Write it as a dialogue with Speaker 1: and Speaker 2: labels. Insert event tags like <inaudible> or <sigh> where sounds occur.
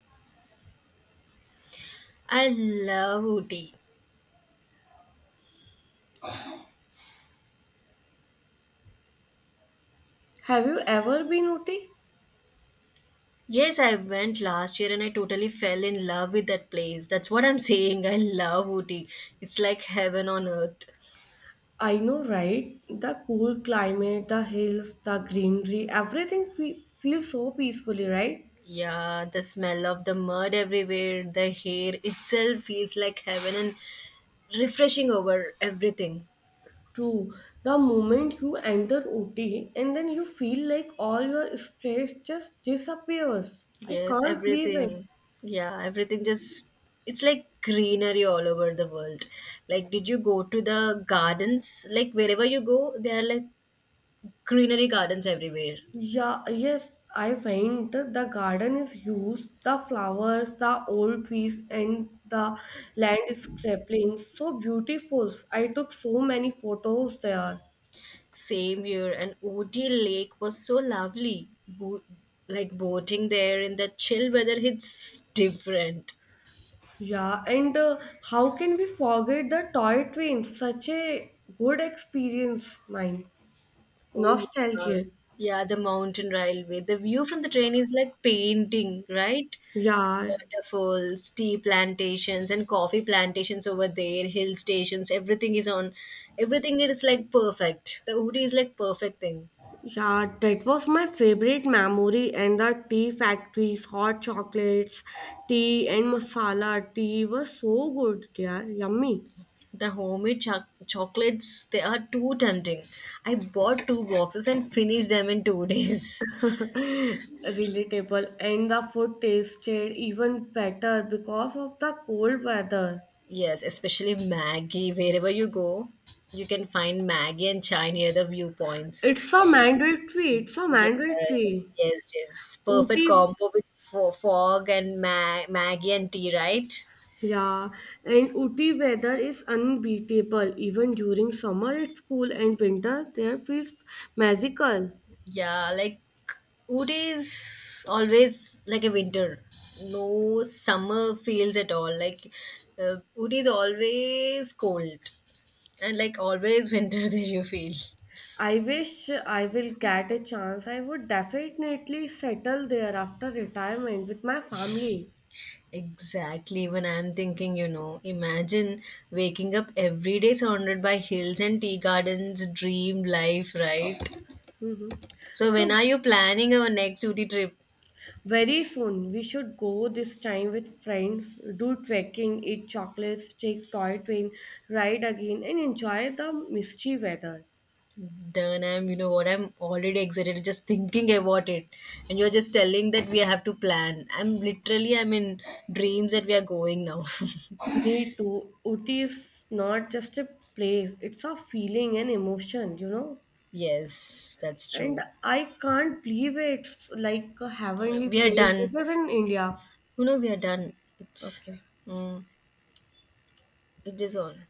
Speaker 1: I love Ooty.
Speaker 2: Have you ever been Ooty?
Speaker 1: Yes, I went last year and I totally fell in love with that place. That's what I'm <laughs> saying. I love Ooty. It's like heaven on earth.
Speaker 2: I know, right? The cool climate, the hills, the greenery, everything feels so peacefully, right?
Speaker 1: Yeah, the smell of the mud everywhere, the hair itself feels like heaven and refreshing over everything.
Speaker 2: True. The moment you enter Ooty, and then you feel like all your stress just disappears. I
Speaker 1: Yes,
Speaker 2: can't believe it.
Speaker 1: everything. Yeah, everything just it's like greenery all over the world. Like did you go to the gardens? Like wherever you go, there are like greenery gardens everywhere.
Speaker 2: Yeah, yes, I went. The garden is huge. The flowers, the old trees, and the landscaping so beautiful. I took so many photos there.
Speaker 1: Same year, and Ooty Lake was so lovely. Like boating there in the chill weather, it's different.
Speaker 2: Yeah, and how can we forget the toy train? Such a good experience, mine.
Speaker 1: Oh, yeah.
Speaker 2: Nostalgia.
Speaker 1: Yeah, the mountain railway. The view from the train is like painting, right?
Speaker 2: Yeah,
Speaker 1: Waterfalls, tea plantations, and coffee plantations over there, hill stations, everything is on. Everything is like perfect. The Ooty is like perfect thing.
Speaker 2: yeah, that was my favorite memory. And the tea factories, hot chocolates, tea and masala tea was so good, yeah, yummy.
Speaker 1: The homemade chocolates, they are too tempting. I bought two boxes and finished them in two <laughs> days.
Speaker 2: Relatable, and the food tasted even better because of the cold weather.
Speaker 1: Yes, especially Maggie. Wherever you go, you can find Maggie and chai near the viewpoints.
Speaker 2: It's a mandatory, it's a
Speaker 1: Yeah,
Speaker 2: mandatory.
Speaker 1: yes, yes. Perfect
Speaker 2: Ooty.
Speaker 1: combo with fog and Maggie and tea, right?
Speaker 2: Yeah, and Ooty weather is unbeatable. Even during summer, it's cool, and winter there feels magical.
Speaker 1: Yeah, like Ooty is always like a winter. No summer feels at all. Like Ooty is always cold. And like always, winter <laughs> there you feel.
Speaker 2: I wish I will get a chance. I would definitely settle there after retirement with my family.
Speaker 1: Exactly when I'm thinking, you know, imagine waking up every day surrounded by hills and tea gardens, dream life, right?
Speaker 2: Mhm.
Speaker 1: So, when
Speaker 2: So,
Speaker 1: are you planning our next duty trip?
Speaker 2: very soon we should go this time with friends, do trekking, eat chocolates, take toy train, ride again, and enjoy the misty weather.
Speaker 1: Done, you know what, I'm already excited just thinking about it. And you're just telling that we have to plan. I'm literally, I'm in dreams that we are going now. <laughs>
Speaker 2: Me too. Uti is not just a place, it's a feeling and emotion, you know.
Speaker 1: Yes, that's
Speaker 2: And
Speaker 1: true.
Speaker 2: I can't believe it's like a heavenly
Speaker 1: We are
Speaker 2: place. It
Speaker 1: done.
Speaker 2: was in India.
Speaker 1: You know, we are done. It's,
Speaker 2: Okay.
Speaker 1: mm, it is all.